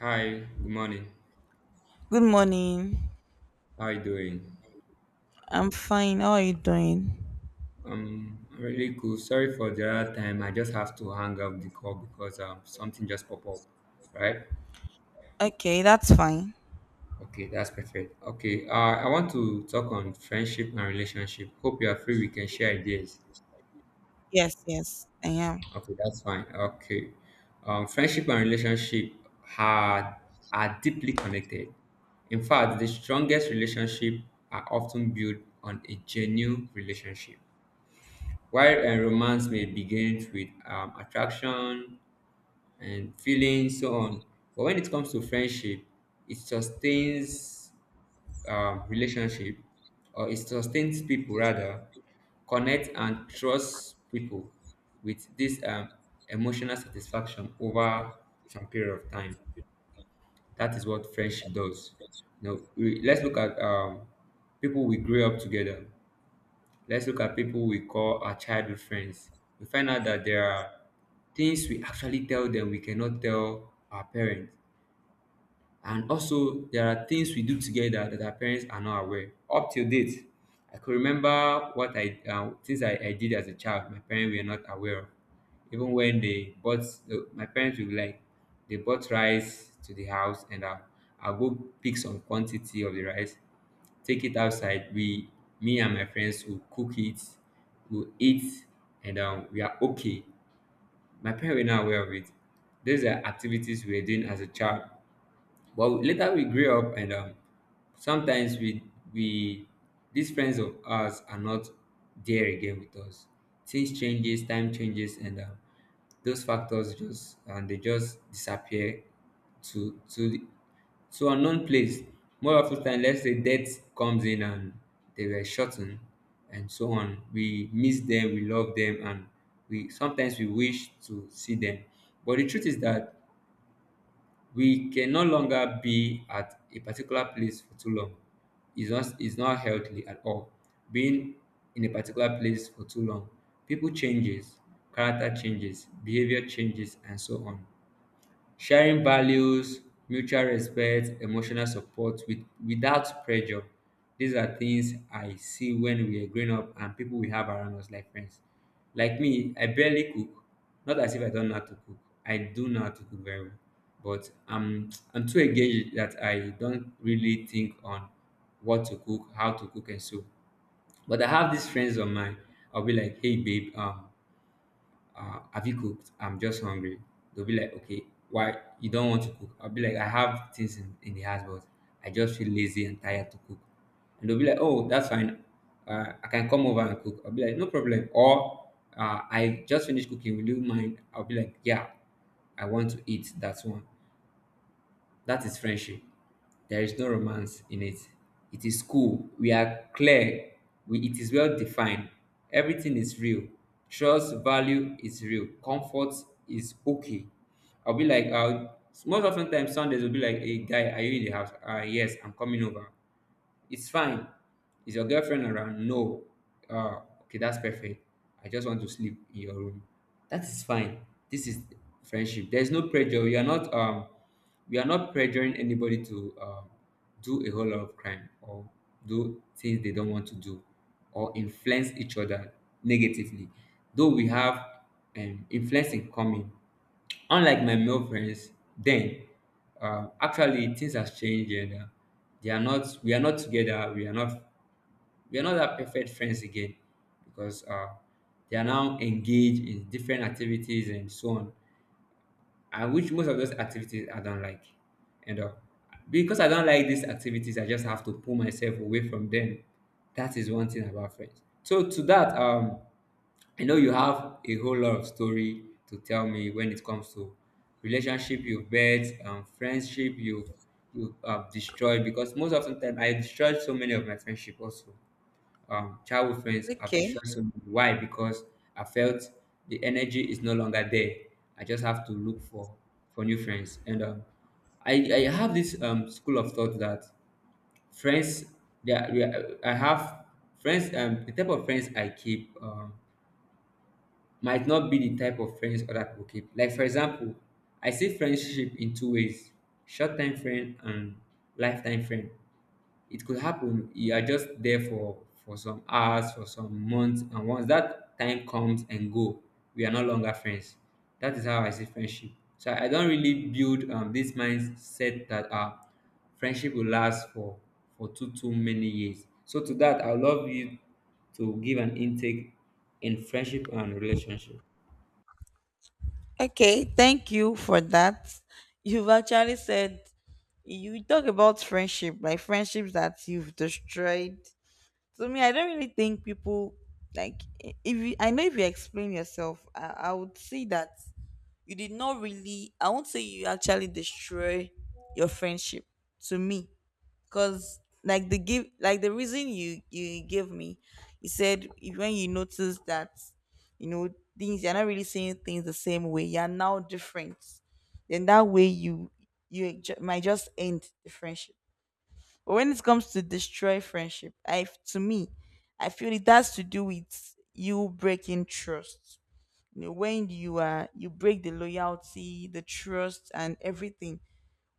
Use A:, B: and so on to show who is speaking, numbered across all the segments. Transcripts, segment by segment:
A: Hi, good morning.
B: Good morning.
A: How you doing?
B: I'm fine. How are you doing?
A: I'm really cool. Sorry for the other time. I just have to hang up the call because something just popped up. Right?
B: Okay, that's fine.
A: Okay, that's perfect. Okay, I want to talk on friendship and relationship. Hope you are free. We can share ideas.
B: Yes, yes, I am.
A: Okay, that's fine. Okay, friendship and relationship are are deeply connected. In fact, the strongest relationship are often built on a genuine relationship. While a romance may begin with attraction and feelings, so on, but when it comes to friendship, it sustains relationship, or it sustains people rather, connect and trust people with this emotional satisfaction over some period of time. That is what friendship does. Now, we, let's look at people we grew up together. Let's look at people we call our childhood friends. We find out that there are things we actually tell them we cannot tell our parents. And also, there are things we do together that our parents are not aware. Up till date, I could remember what I things I did as a child. My parents were not aware of. Even when they bought, my parents would be like they bought rice to the house, and I'll go pick some quantity of the rice take it outside. We, me and my friends, will cook it, will eat, and we are okay. My parents were not aware of it. These are activities we were doing as a child. But later we grew up, and sometimes we these friends of ours are not there again with us. Things changes, time changes, and those factors just and they just disappear to so unknown place. More often than let's say death comes in and they were shortened and so on. We miss them, we love them, and we sometimes we wish to see them. But the truth is that we can no longer be at a particular place for too long. It's not healthy at all. Being in a particular place for too long. People changes, character changes, behavior changes, and so on. Sharing values, mutual respect, emotional support with, without pressure. These are things I see when we are growing up and people we have around us like friends. Like me, I barely cook. Not as if I don't know how to cook. I do know how to cook very well. But I'm too engaged that I don't really think on what to cook, how to cook and so. But I have these friends of mine. I'll be like, hey babe, have you cooked? I'm just hungry. They'll be like, okay, why you don't want to cook? I'll be like, I have things in the house, but I just feel lazy and tired to cook. And they'll be like, oh, that's fine. I can come over and cook. I'll be like, no problem. Or I just finished cooking. Will you mind? I'll be like, yeah, I want to eat. That's one. That is friendship. There is no romance in it. It is cool. We are clear. We, it is well defined. Everything is real. Trust value is real. Comfort is okay. I'll be like, I'll, most often times Sundays will be like, hey guy, are you in the house? Ah yes, I'm coming over. It's fine. Is your girlfriend around? No. Okay, that's perfect. I just want to sleep in your room. That is fine. This is friendship. There's no pressure. We are not pressuring anybody to do a whole lot of crime or do things they don't want to do or influence each other negatively. Though we have influence in common, unlike my male friends then actually things has changed and they are not we are not together we are not that perfect friends again because they are now engaged in different activities and so on and which most of those activities I don't like. And because I don't like these activities, I just have to pull myself away from them. That is one thing about friends. So to that, I know you have a whole lot of story to tell me when it comes to relationship you've built, friendship you've you have destroyed because most of the time I destroyed so many of my friendship also childhood friends have
B: Okay.
A: distracted me. Why? Because I felt the energy is no longer there. I just have to look for new friends. And I have this school of thought that friends they are, we are- I have friends the type of friends I keep might not be the type of friends other people keep. Like for example, I see friendship in two ways: short time friend and lifetime friend it could happen. You are just there for some hours, for some months, and once that time comes and go, we are no longer friends. That is how I see friendship. So I don't really build this mindset that friendship will last for too many years. So to that, I would love you to give an intake in friendship and relationship.
B: Okay, thank you for that. You've actually said you talk about friendship, like friendships that you've destroyed. To me, I don't really think people like if you, I know if you explain yourself, I would say that you did not really. I won't say you actually destroy your friendship. To me, because like the give like the reason you gave me. You said when you notice that you know things, you're not really saying things the same way, you're now different. Then that way you might just end the friendship. But when it comes to destroy friendship, I to me, I feel it has to do with you breaking trust. You know, when you break the loyalty, the trust, and everything.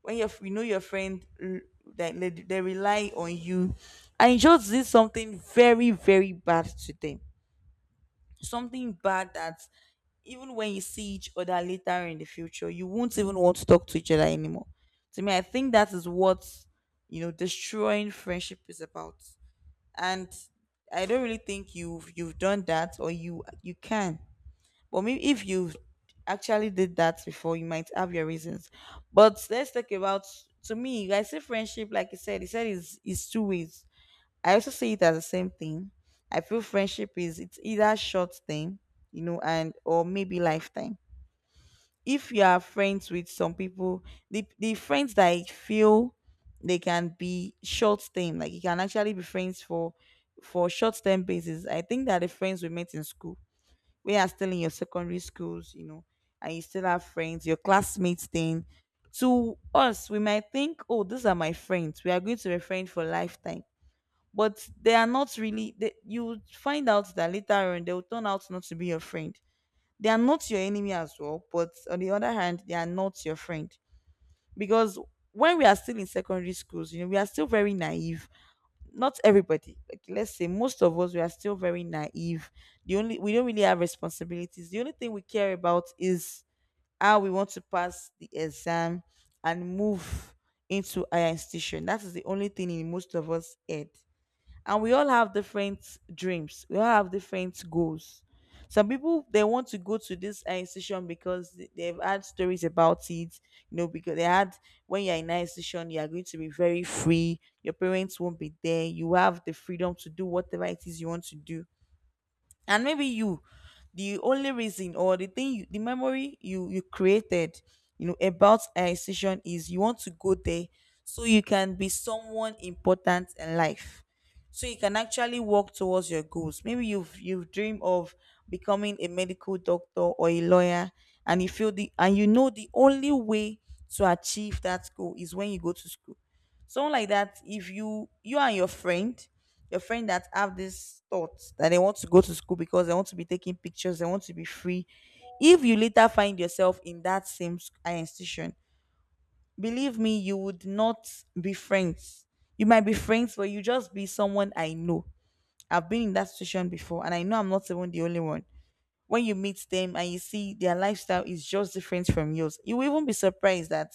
B: When your you know your friend like, they rely on you, and you just did something very very bad to them, something bad that even when you see each other later in the future, you won't even want to talk to each other anymore. To me, I think that is what destroying friendship is about. And I don't really think you've done that or you can, but maybe if you actually did that before, you might have your reasons. But let's talk about to me, I say friendship, like you said, is two ways. I also see it as the same thing. I feel friendship is it's either short thing, and or maybe lifetime. If you are friends with some people, the friends that I feel, they can be short term, like you can actually be friends for short term basis. I think that the friends we met in school, we are still in your secondary schools, and you still have friends, your classmates. Thing. To us, we might think, oh, these are my friends. We are going to be friends for lifetime. But they are not really, you find out that later on they will turn out not to be your friend. They are not your enemy as well, but on the other hand, they are not your friend. Because when we are still in secondary schools, we are still very naive. Not everybody, like, let's say most of us, we are still very naive. The only We don't really have responsibilities. The only thing we care about is how we want to pass the exam and move into our institution. That is the only thing in most of us head. And we all have different dreams, we all have different goals. Some people, they want to go to this institution, because they've had stories about it. Because they had when you're in an institution, you are going to be very free, your parents won't be there, you have the freedom to do whatever it is you want to do. And maybe you the only reason, or the thing the memory you created, about a decision is you want to go there, so you can be someone important in life, so you can actually work towards your goals. Maybe you've dreamed of becoming a medical doctor or a lawyer. And you know the only way to achieve that goal is when you go to school. Someone like that, if you and your friend that have this thought that they want to go to school because they want to be taking pictures, they want to be free. If you later find yourself in that same institution, believe me, you would not be friends. You might be friends, but you just be someone I know. I've been in that situation before, and I know I'm not even the only one. When you meet them and you see their lifestyle is just different from yours, you will even be surprised that,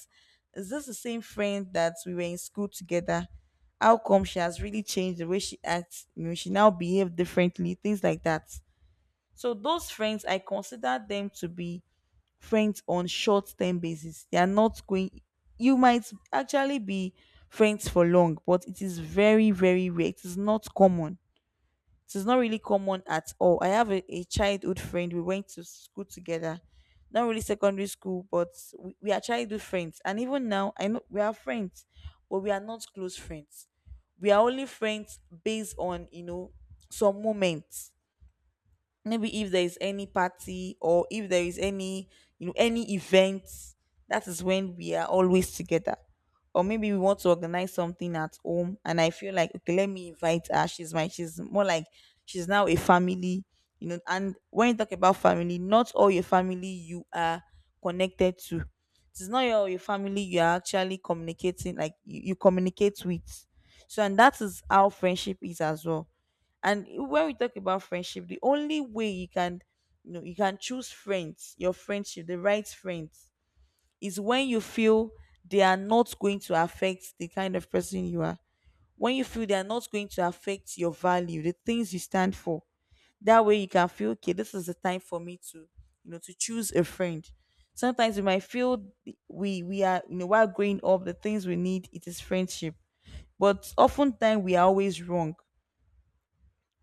B: is this the same friend that we were in school together? How come she has really changed the way she acts? She now behaves differently, things like that. So those friends, I consider them to be friends on short term basis. They are not going. You might actually be friends for long, but it is very, very rare. It is not common. It is not really common at all. I have a childhood friend. We went to school together. Not really secondary school, but we are childhood friends. And even now, I know we are friends, but we are not close friends. We are only friends based on some moments. Maybe if there is any party, or if there is any any event, that is when we are always together. Or maybe we want to organize something at home, and I feel like, okay, let me invite her. She's my she's more like she's now a family. And when you talk about family, not all your family you are connected to. It's not your family you are actually communicating. Like you communicate with. So, and that is how friendship is as well. And when we talk about friendship, the only way you can, you know, you can choose friends, your friendship, the right friends, is when you feel they are not going to affect the kind of person you are. When you feel they are not going to affect your value, the things you stand for. That way you can feel, okay, this is the time for me to, you know, to choose a friend. Sometimes we might feel we are while growing up, the things we need, it is friendship. But oftentimes we are always wrong.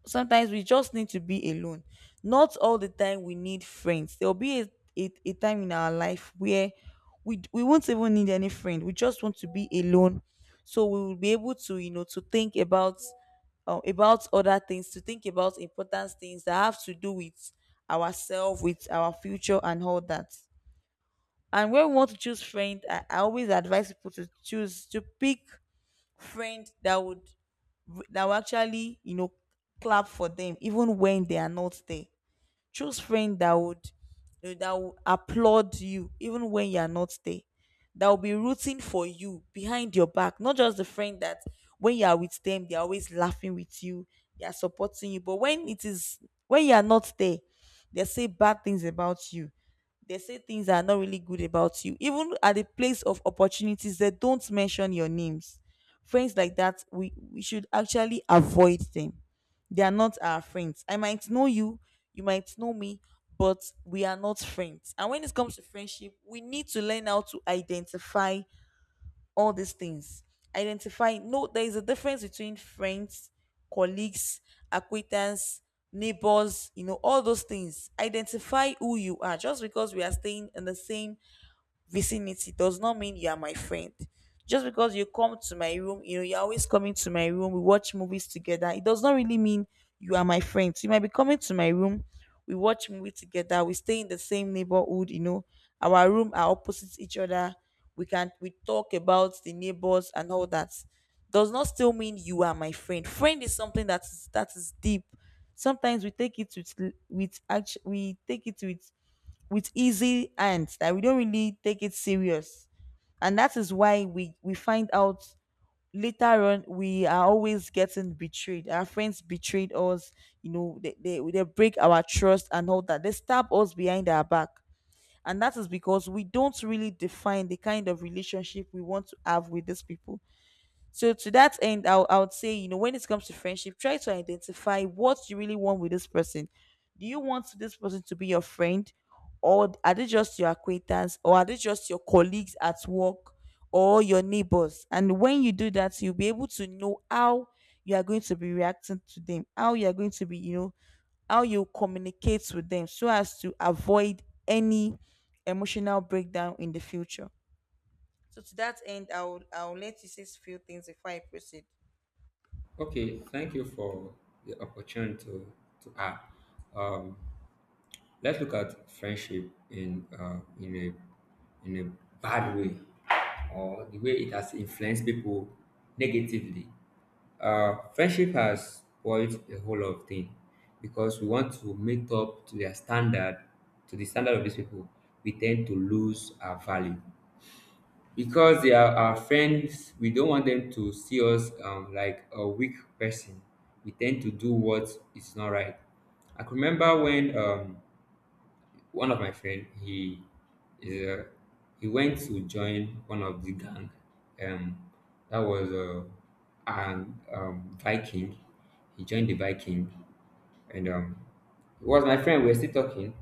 B: Sometimes we just need to be alone. Not all the time we need friends. There'll be a time in our life where we won't even need any friend. We just want to be alone, so we will be able to to think about about other things, to think about important things that have to do with ourselves, with our future, and all that. And when we want to choose friend, I always advise people to pick friend that would r- that will actually clap for them even when they are not there. Choose friend that will applaud you even when you are not there, that will be rooting for you behind your back, not just the friend that when you are with them, they're always laughing with you, they are supporting you, but when it is when you are not there they say bad things about you. They say things that are not really good about you, even at the place of opportunities they don't mention your names. Friends like that, we should actually avoid them. They are not our friends. I might know you, you might know me, but we are not friends. And when it comes to friendship, we need to learn how to identify all these things. Identify, no, there is a difference between friends, colleagues, acquaintance, neighbors, all those things. Identify who you are. Just because we are staying in the same vicinity does not mean you are my friend. Just because you come to my room, you're always coming to my room, we watch movies together. It does not really mean you are my friend. So you might be coming to my room, we watch movie together, we stay in the same neighborhood, our room are opposite each other. We talk about the neighbors and all that. Does not still mean you are my friend. Friend is something that is deep. Sometimes we take it with act we take it with easy hands, that we don't really take it serious. And that is why we find out later on, we are always getting betrayed. Our friends betrayed us. They break our trust and all that, they stab us behind our back. And that is because we don't really define the kind of relationship we want to have with these people. So to that end, I would say, when it comes to friendship, try to identify what you really want with this person. Do you want this person to be your friend? Or are they just your acquaintance? Or are they just your colleagues at work, or your neighbors? And when you do that, you'll be able to know how you are going to be reacting to them, how you are going to be, you know, how you communicate with them, so as to avoid any emotional breakdown in the future. So to that end, I will let you say a few things before I proceed.
A: Okay, thank you for the opportunity to add. Um, Let's look at friendship in a bad way or the way it has influenced people negatively. Friendship has spoiled a whole lot of things because we want to meet up to their standard, to the standard of these people. We tend to lose our value because they are our friends. We don't want them to see us like a weak person. We tend to do what is not right. I can remember when one of my friend, is uh, he went to join one of the gang. Um, that was an Viking. He joined the Viking, and it was my friend. We were still talking.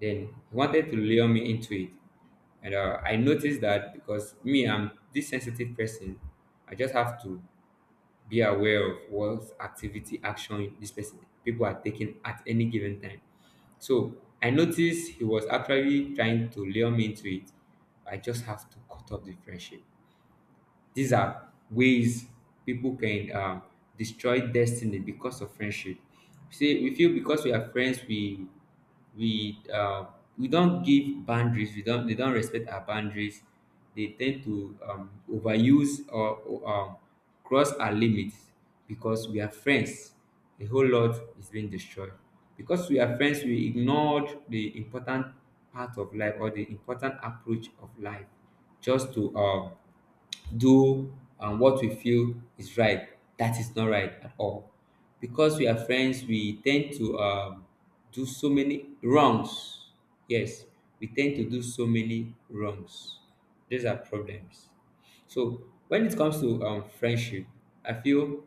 A: Then he wanted to lure me into it, and I noticed that because me, I'm this sensitive person. I just have to be aware of what activity action this person people are taking at any given time so I noticed he was actually trying to lure me into it I just have to cut off the friendship these are ways people can destroy destiny because of friendship. See, we feel because we are friends, we uh, we don't give boundaries. We don't They don't respect our boundaries. They tend to overuse or cross our limits because we are friends. A whole lot is being destroyed because we are friends. We ignored the important part of life or the important approach of life just to do what we feel is right that is not right at all because we are friends we tend to do so many wrongs yes we tend to do so many wrongs these are problems so when it comes to friendship I feel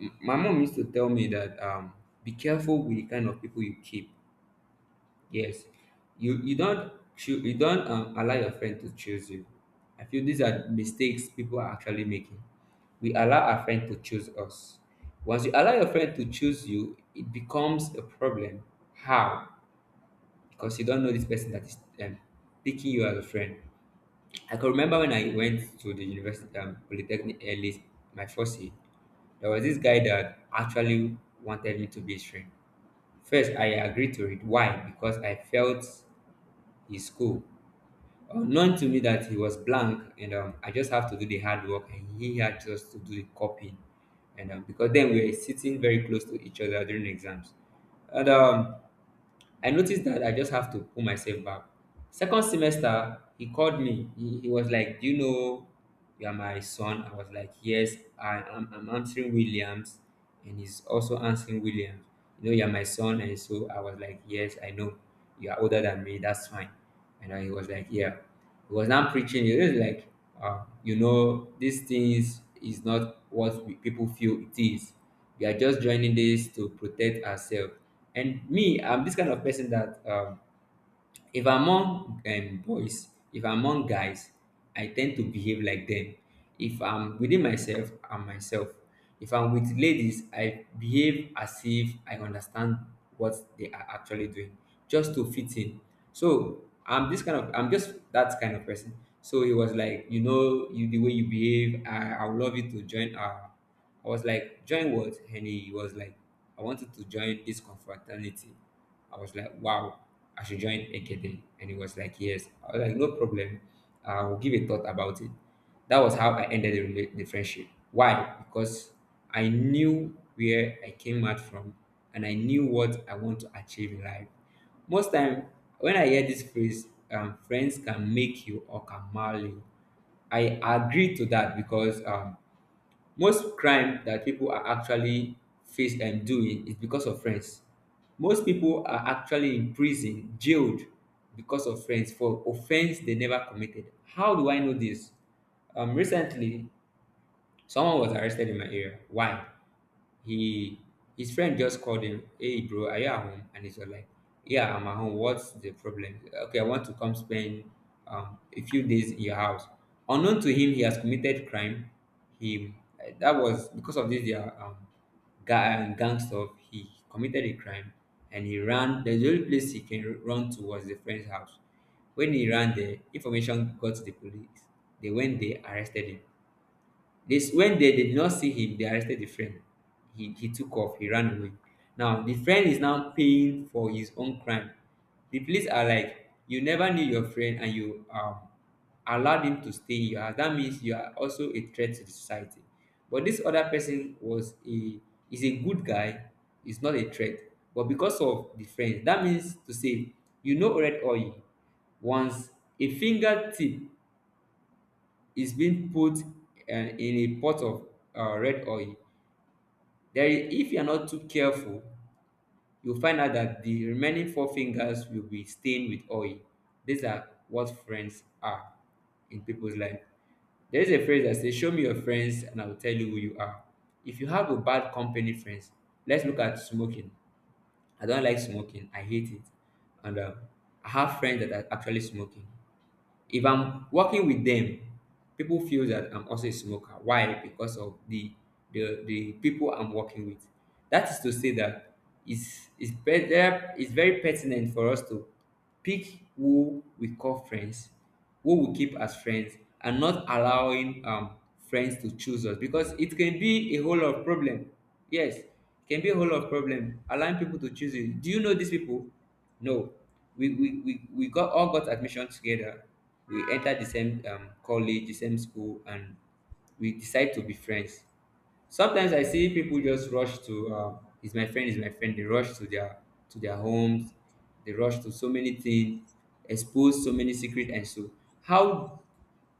A: my mom used to tell me that be careful with the kind of people you keep. Yes, you don't you don't allow your friend to choose you. I feel these are mistakes people are actually making. We allow our friend to choose us. Once you allow your friend to choose you, it becomes a problem. How? Because you don't know this person that is picking you as a friend. I can remember when I went to the university polytechnic early, my first year. There was this guy that actually wanted me to be his friend. First, I agreed to it. Why? Because I felt is cool. Unknown to me that he was blank, and I just have to do the hard work, and he had just to do the copying. And because then we were sitting very close to each other during exams, and I noticed that I just have to pull myself back. Second semester, he called me. He was like, do you know you are my son? I was like, yes, I'm answering Williams. And he's also answering Williams. You know, you are my son. And so I was like, yes, I know. You are older than me. That's fine. And then he was like, yeah. He was now preaching. He was like, you know, these things is not what we, people feel it is we are just joining this to protect ourselves. And me, I'm this kind of person that if I'm among boys, if I'm among guys, I tend to behave like them. If I'm within myself, I'm myself. If I'm with ladies, I behave as if I understand what they are actually doing, just to fit in. So I'm this kind of, I'm just that kind of person. So it was like, you the way you behave, I would love you to join our I was like, join what? And he was like, I wanted to join this confraternity. I was like, wow, I should join Ekede. And he was like, yes. I was like, no problem. I will give a thought about it. That was how I ended the friendship. Why? Because I knew where I came out from and I knew what I want to achieve in life. Most time, when I hear this phrase, friends can make you or can mar you, I agree to that because most crime that people are actually face and doing is because of friends. Most people are actually in prison, jailed because of friends for offense they never committed. How do I know this? Recently, someone was arrested in my area. Why? He His friend just called him, "Hey bro, are you at home?" And he's all like, "Yeah, I'm at home. What's the problem? Okay, I want to come spend a few days in your house." Unknown to him, he has committed crime. He that was because of this their gang stuff. He committed a crime and he ran. The only place he can run to was the friend's house. When he ran there, information got to the police. They arrested him. This when they did not see him, they arrested the friend. He took off, he ran away. Now the friend is now paying for his own crime. The police are like, "You never knew your friend and you allowed him to stay in your house. That means you are also a threat to the society." But this other person was a is a good guy, is not a threat. But because of the friend, that means to say you know red oil, once a fingertip it being put in a pot of red oil. There, if you're not too careful, you'll find out that the remaining four fingers will be stained with oil. These are what friends are in people's life. There is a phrase that says, "Show me your friends and I will tell you who you are." If you have a bad company, friends, let's look at smoking. I don't like smoking, I hate it. And I have friends that are actually smoking. If I'm working with them, people feel that I'm also a smoker. Why? Because of the people I'm working with. That is to say that it's better, it's very pertinent for us to pick who we call friends, who we keep as friends, and not allowing friends to choose us, because it can be a whole lot of problem. Yes, it can be a whole lot of problem allowing people to choose you. Do you know these people? No. We got all got admission together, we entered the same college, the same school, and we decide to be friends. Sometimes I see people just rush to "Is my friend? Is my friend?" They rush to their homes. They rush to so many things, expose so many secret, and so how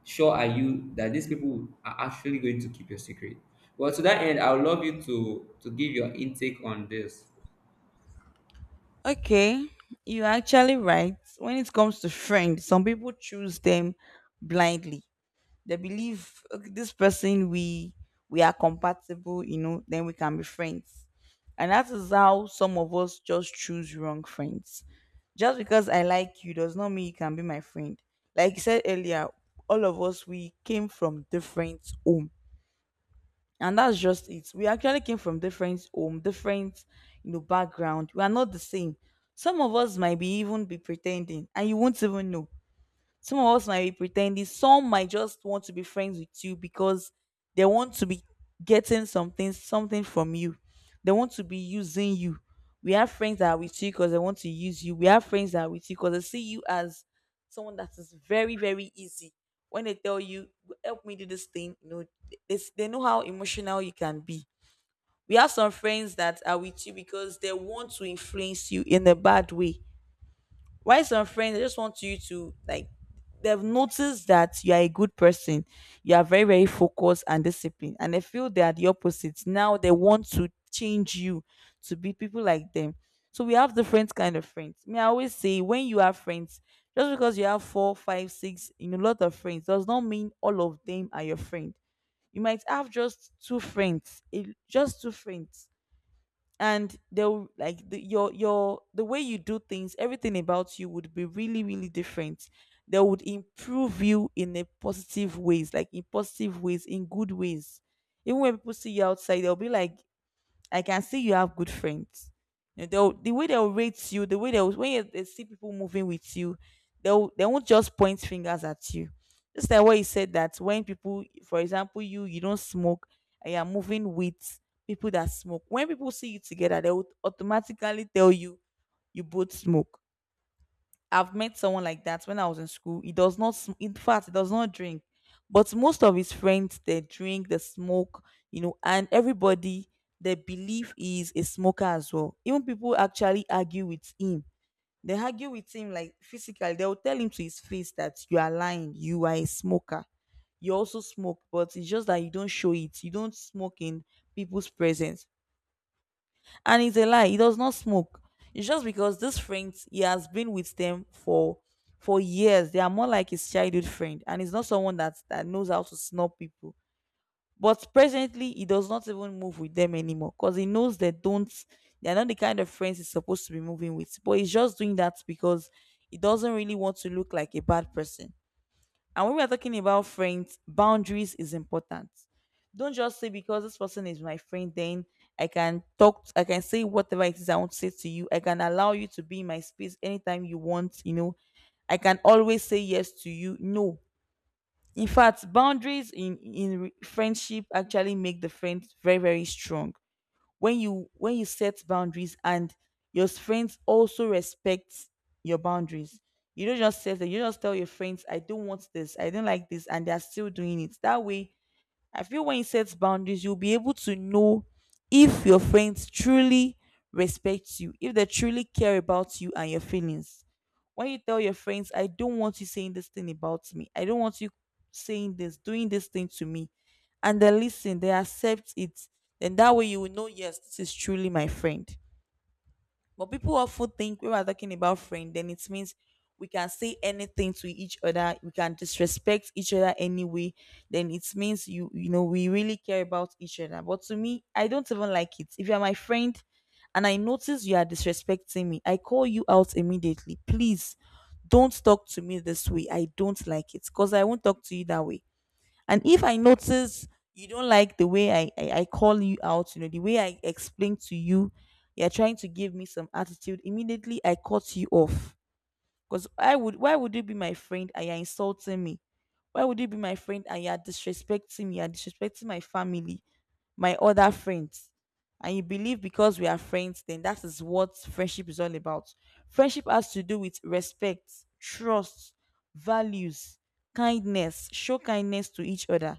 A: sure are you that these people are actually going to keep your secret? Well, to that end, I would love you to give your intake on this.
B: Okay, you're actually right. When it comes to friends, some people choose them blindly. They believe, "Okay, this person we are compatible, you know, then we can be friends." And that is how some of us just choose wrong friends. Just because I like you does not mean you can be my friend. Like you said earlier, all of us we came from different home, and that's just it. We actually came from different home, different, you know, background. We are not the same. Some of us might be even be pretending and you won't even know. Some of us might be pretending. Some might just want to be friends with you because they want to be getting something, something from you. They want to be using you. We have friends that are with you because they want to use you. We have friends that are with you because they see you as someone that is very, very easy. When they tell you, "Help me do this thing," you know, they know how emotional you can be. We have some friends that are with you because they want to influence you in a bad way. Why? Some friends, they just want you to, like, they've noticed that you are a good person, you are very, very focused and disciplined, and they feel they are the opposite. Now they want to change you to be people like them. So we have different kind of friends. May I always say, when you have friends, just because you have four, five, six, you know, lot of friends, does not mean all of them are your friend. You might have just two friends, just two friends, and they'll like the, your the way you do things. Everything about you would be really, really different. They would improve you in a positive ways, like in positive ways, in good ways. Even when people see you outside, they'll be like, "I can see you have good friends." You know, they'll, the way they'll rate you, the way they'll when you, they see people moving with you, they won't just point fingers at you. Just like what you said, that when people, for example, you don't smoke and you're moving with people that smoke. When people see you together, they will automatically tell you you both smoke. I've met someone like that when I was in school. He does not, in fact, he does not drink, but most of his friends they drink, they smoke, you know, and everybody they believe he is a smoker as well. Even people actually argue with him. They argue with him like physically. They will tell him to his face that you are lying. You are a smoker. You also smoke, but it's just that you don't show it. You don't smoke in people's presence. And it's a lie. He does not smoke. It's just because these friends, he has been with them for years. They are more like his childhood friend, and he's not someone that that knows how to snub people. But presently, he does not even move with them anymore because he knows they don't. They are not the kind of friends he's supposed to be moving with. But he's just doing that because he doesn't really want to look like a bad person. And when we are talking about friends, boundaries is important. Don't just say because this person is my friend, then I can talk, I can say whatever it is I want to say to you. I can allow you to be in my space anytime you want, you know. I can always say yes to you. No. In fact, boundaries in friendship actually make the friend very, very strong. When you set boundaries and your friends also respect your boundaries, you don't just set them, you just tell your friends, "I don't want this. I don't like this," and they're still doing it that way. I feel when you set boundaries, you'll be able to know if your friends truly respect you, if they truly care about you and your feelings. When you tell your friends, "I don't want you saying this thing about me, I don't want you saying this, doing this thing to me," and they listen, they accept it, then that way you will know, yes, this is truly my friend. But people often think when we're talking about friend, then it means we can say anything to each other, we can disrespect each other anyway. Then it means you know, we really care about each other. But to me, I don't even like it. If you're my friend and I notice you are disrespecting me, I call you out immediately. Please don't talk to me this way. I don't like it. Because I won't talk to you that way. And if I notice you don't like the way I call you out, you know, the way I explain to you, you're trying to give me some attitude, immediately I cut you off. Because I would why would you be my friend and you're insulting me? Why would you be my friend and you're disrespecting me? You're disrespecting my family, my other friends. And you believe because we are friends, then that is what friendship is all about. Friendship has to do with respect, trust, values, kindness. Show kindness to each other.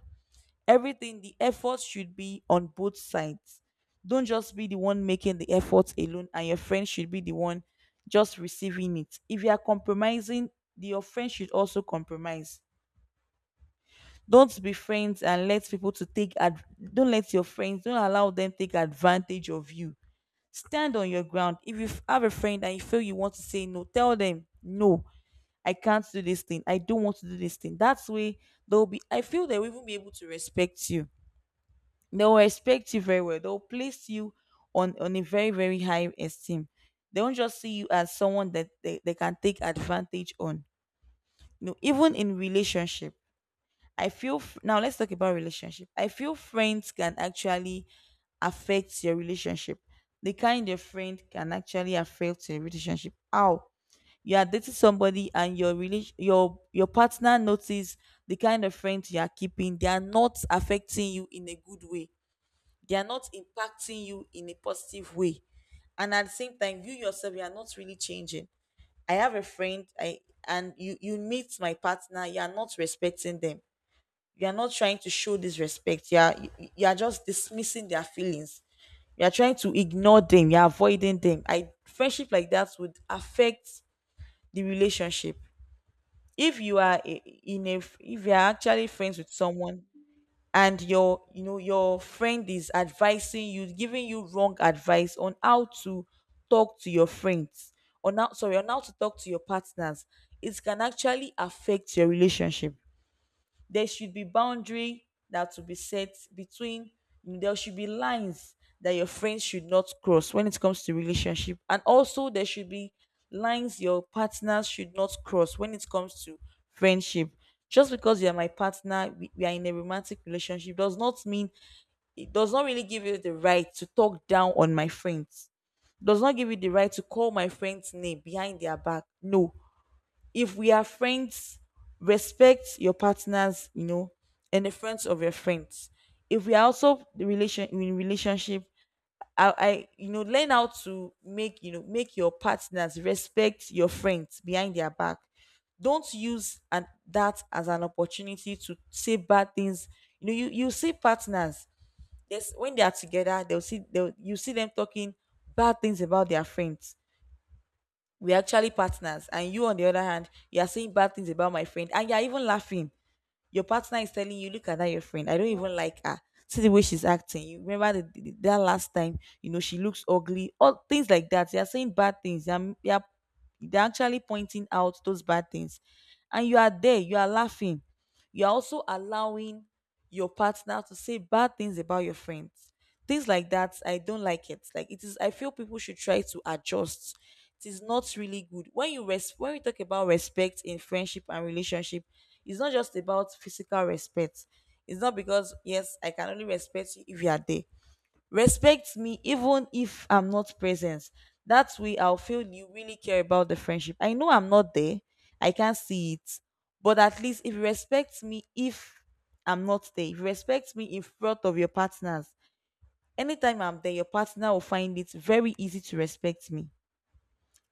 B: Everything, the effort should be on both sides. Don't just be the one making the effort alone and your friend should be the one just receiving it. If you are compromising, the, your friend should also compromise. Don't be friends and let people to don't let your friends, don't allow them take advantage of you. Stand on your ground. If you have a friend and you feel you want to say no, tell them no. I can't do this thing, I don't want to do this thing. That's way they'll be I feel they will even be able to respect you. They will respect you very well. They'll place you on a very, very high esteem. They won't just see you as someone that they can take advantage on. You know, even in relationship, I feel now let's talk about relationship. I feel friends can actually affect your relationship. The kind of friend can actually affect your relationship. How? You are dating somebody and your relation your partner notice the kind of friends you are keeping, they are not affecting you in a good way, they are not impacting you in a positive way, and at the same time you yourself you are not really changing. I have a friend, I and you meet my partner, you are not respecting them, you are not trying to show this respect, you are you are just dismissing their feelings, you are trying to ignore them, you are avoiding them. I Friendship like that would affect the relationship. If you are I- in a If you are actually friends with someone and your, you know, your friend is advising you, giving you wrong advice on how to talk to your friends, on how, sorry, on how to talk to your partners, it can actually affect your relationship. There should be boundary that will be set between, there should be lines that your friends should not cross when it comes to relationship, and also there should be lines your partners should not cross when it comes to friendship. Just because you are my partner, we are in a romantic relationship, does not mean, it does not really give you the right to talk down on my friends, does not give you the right to call my friend's name behind their back. No. If we are friends, respect your partners, you know, and the friends of your friends. If we are also the relation in relationship, I you know, learn how to make, you know, make your partners respect your friends behind their back. Don't use and that as an opportunity to say bad things. You know, you see partners. Yes, when they are together, they'll see they'll you see them talking bad things about their friends. We're actually partners. And you, on the other hand, you're saying bad things about my friend and you're even laughing. Your partner is telling you, "Look at that, your friend. I don't even like her. See the way she's acting. You remember that last time, you know, she looks ugly." All things like that. You're saying bad things. They're actually pointing out those bad things. And you are there. You are laughing. You're also allowing your partner to say bad things about your friends. Things like that, I don't like it. Like it is, I feel people should try to adjust. It is not really good when when we talk about respect in friendship and relationship. It's not just about physical respect. It's not because yes, I can only respect you if you are there. Respect me even if I'm not present. That way I'll feel you really care about the friendship. I know I'm not there. I can't see it. But at least if you respect me, if I'm not there, if you respect me in front of your partners, anytime I'm there, your partner will find it very easy to respect me.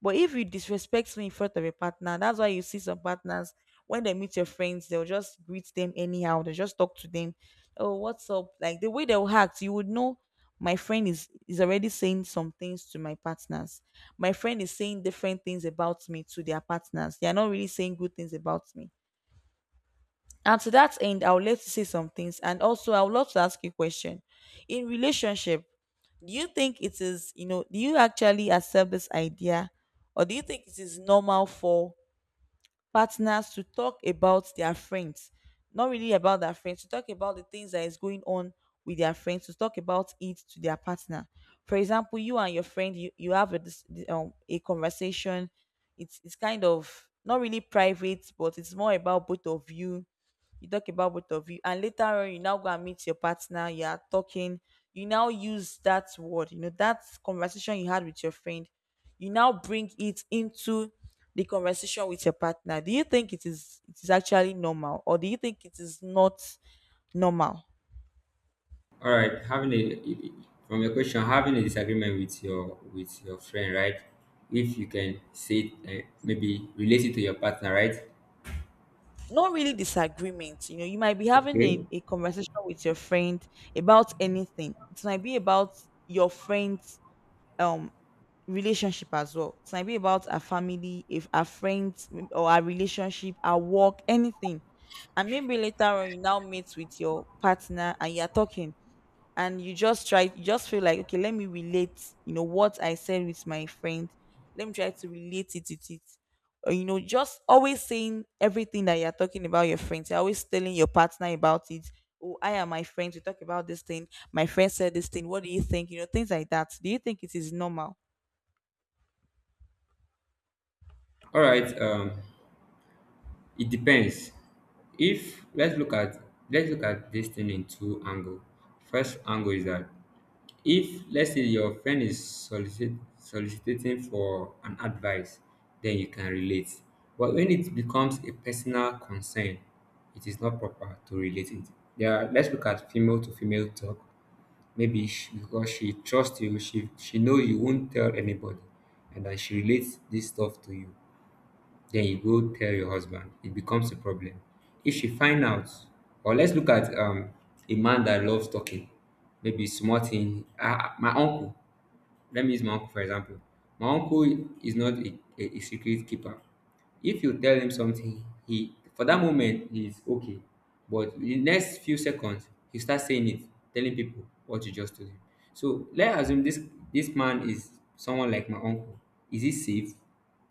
B: But if you disrespect me in front of your partner, that's why you see some partners when they meet your friends, they'll just greet them anyhow. They just talk to them. Oh, what's up? Like the way they'll act, you would know my friend is already saying some things to my partners. My friend is saying different things about me to their partners. They are not really saying good things about me, and to that end, I would like to say some things. And also, I would love to ask you a question. In relationship, do you think it is, do you actually accept this idea? Or do you think it is normal for partners to talk about their friends? Not really about their friends, to talk about the things that is going on with their friends, to talk about it to their partner. For example, you and your friend, you have a, a conversation. It's kind of not really private, but it's more about both of you. You talk about both of you, and later on you now go and meet your partner. You are talking, you now use that word, you know, that conversation you had with your friend, you now bring it into the conversation with your partner. Do you think it is, it is actually normal, or do you think it is not normal?
A: All right, having a from your question, having a disagreement with your friend, right? If you can say it, maybe relate it to your partner, right?
B: Not really disagreement, you know, you might be having
A: Okay.
B: a conversation with your friend about anything. It might be about your friend's um relationship as well. So it might be about our family, if our friends, or our relationship, our work, anything. And maybe later on you now meet with your partner and you're talking, and you just feel like, okay, let me relate, you know, what I said with my friend. Let me try to relate it with it. Or, you know, just always saying everything that you're talking about your friends. You're always telling your partner about it. Oh, I am my friends. We talk about this thing. My friend said this thing. What do you think? You know, things like that. Do you think it is normal?
A: All right. It depends. If let's look at this thing in two angle. First angle is that if let's say your friend is soliciting for an advice, then you can relate. But when it becomes a personal concern, it is not proper to relate it. Yeah, let's look at female to female talk. Maybe she, because she trusts you, she know you won't tell anybody, and then she relates this stuff to you, then you go tell your husband, it becomes a problem if she find out. Or let's look at a man that loves talking. Maybe small thing, ah, my uncle, let me use my uncle for example. My uncle is not a secret keeper. If you tell him something, he for that moment he's okay. But in the next few seconds, he starts saying it, telling people what you just told him. So let's assume this man is someone like my uncle. Is he safe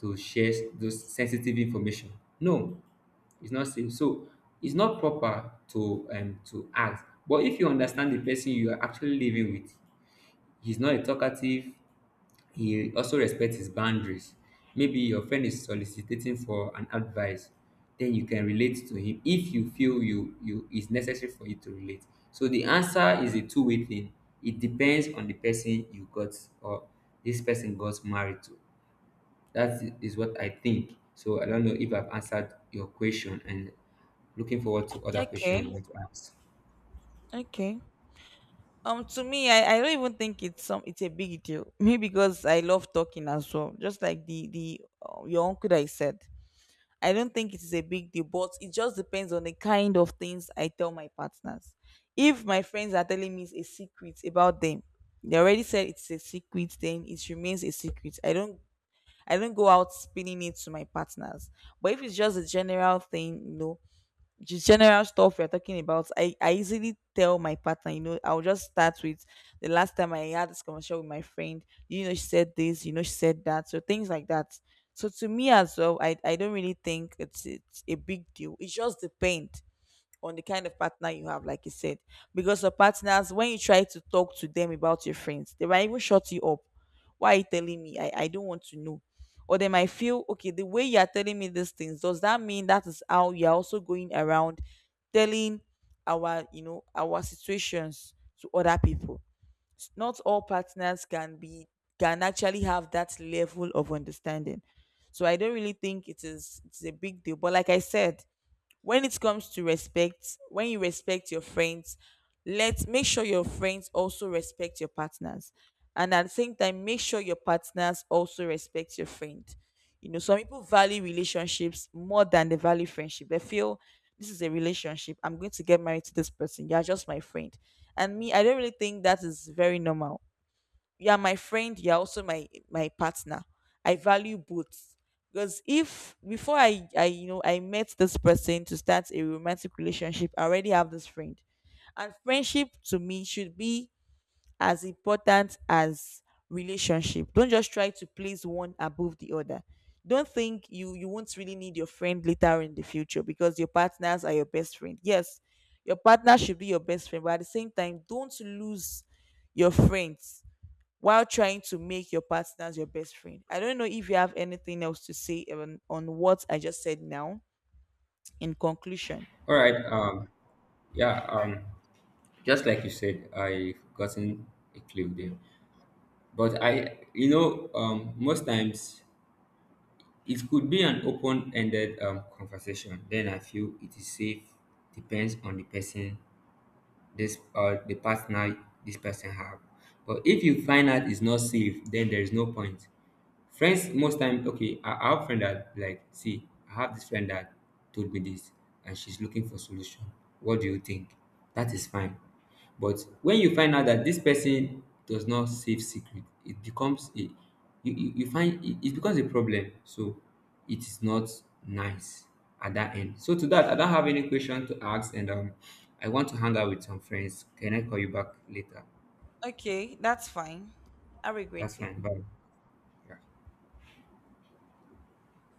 A: to share those sensitive information? No, it's not safe. So it's not proper to ask. But if you understand the person you are actually living with, he's not a talkative, he also respects his boundaries. Maybe your friend is soliciting for an advice, then you can relate to him if you feel you is necessary for you to relate. So the answer is a two-way thing. It depends on the person you got or this person got married to. That is what I think. So I don't know if I've answered your question and looking forward to other questions you
B: Okay,
A: want to ask.
B: okay. To me, I don't even think it's a big deal. Maybe because I love talking as well, just like the your uncle that I said. I don't think it is a big deal, but it just depends on the kind of things I tell my partners. If my friends are telling me a secret about them, they already said it's a secret, then it remains a secret. I don't go out spinning it to my partners. But if it's just a general thing, you know, the general stuff we're talking about, I easily tell my partner, you know, I'll just start with, the last time I had this conversation with my friend, you know, she said this, you know, she said that. So things like that. So to me as well, I don't really think it's a big deal. It just depends on the kind of partner you have, like you said. Because your partners, when you try to talk to them about your friends, they might even shut you up. Why are you telling me? I don't want to know. Or they might feel, okay, the way you are telling me these things, does that mean that is how you're also going around telling our, you know, our situations to other people? Not all partners can actually have that level of understanding. So I don't really think it's a big deal. But like I said, when it comes to respect, when you respect your friends, let make sure your friends also respect your partners, and at the same time make sure your partners also respect your friend. You know, some people value relationships more than they value friendship. They feel this is a relationship, I'm going to get married to this person, you're just my friend. And me, I don't really think that is very normal. You're my friend, you're also my partner. I value both, because if before I you know I met this person to start a romantic relationship, I already have this friend. And friendship to me should be as important as relationship. Don't just try to place one above the other. Don't think you won't really need your friend later in the future because your partners are your best friend. Yes, your partner should be your best friend, but at the same time don't lose your friends while trying to make your partners your best friend. I don't know if you have anything else to say on what I just said now in conclusion.
A: All right. Yeah. Um, just like you said, I've gotten a clue there. But I, you know, most times it could be an open-ended conversation. Then I feel it is safe. Depends on the person, this the partner this person have. But if you find out it's not safe, then there is no point. Friends most time okay, I have friend that like, see, I have this friend that told me this and she's looking for solution. What do you think? That is fine. But when you find out that this person does not save secret, it becomes a you find it, it becomes a problem. So it is not nice at that end. So to that, I don't have any question to ask and I want to hang out with some friends. Can I call you back later?
B: Okay, that's fine. Have a
A: That's
B: great day.
A: fine. Bye. Yeah.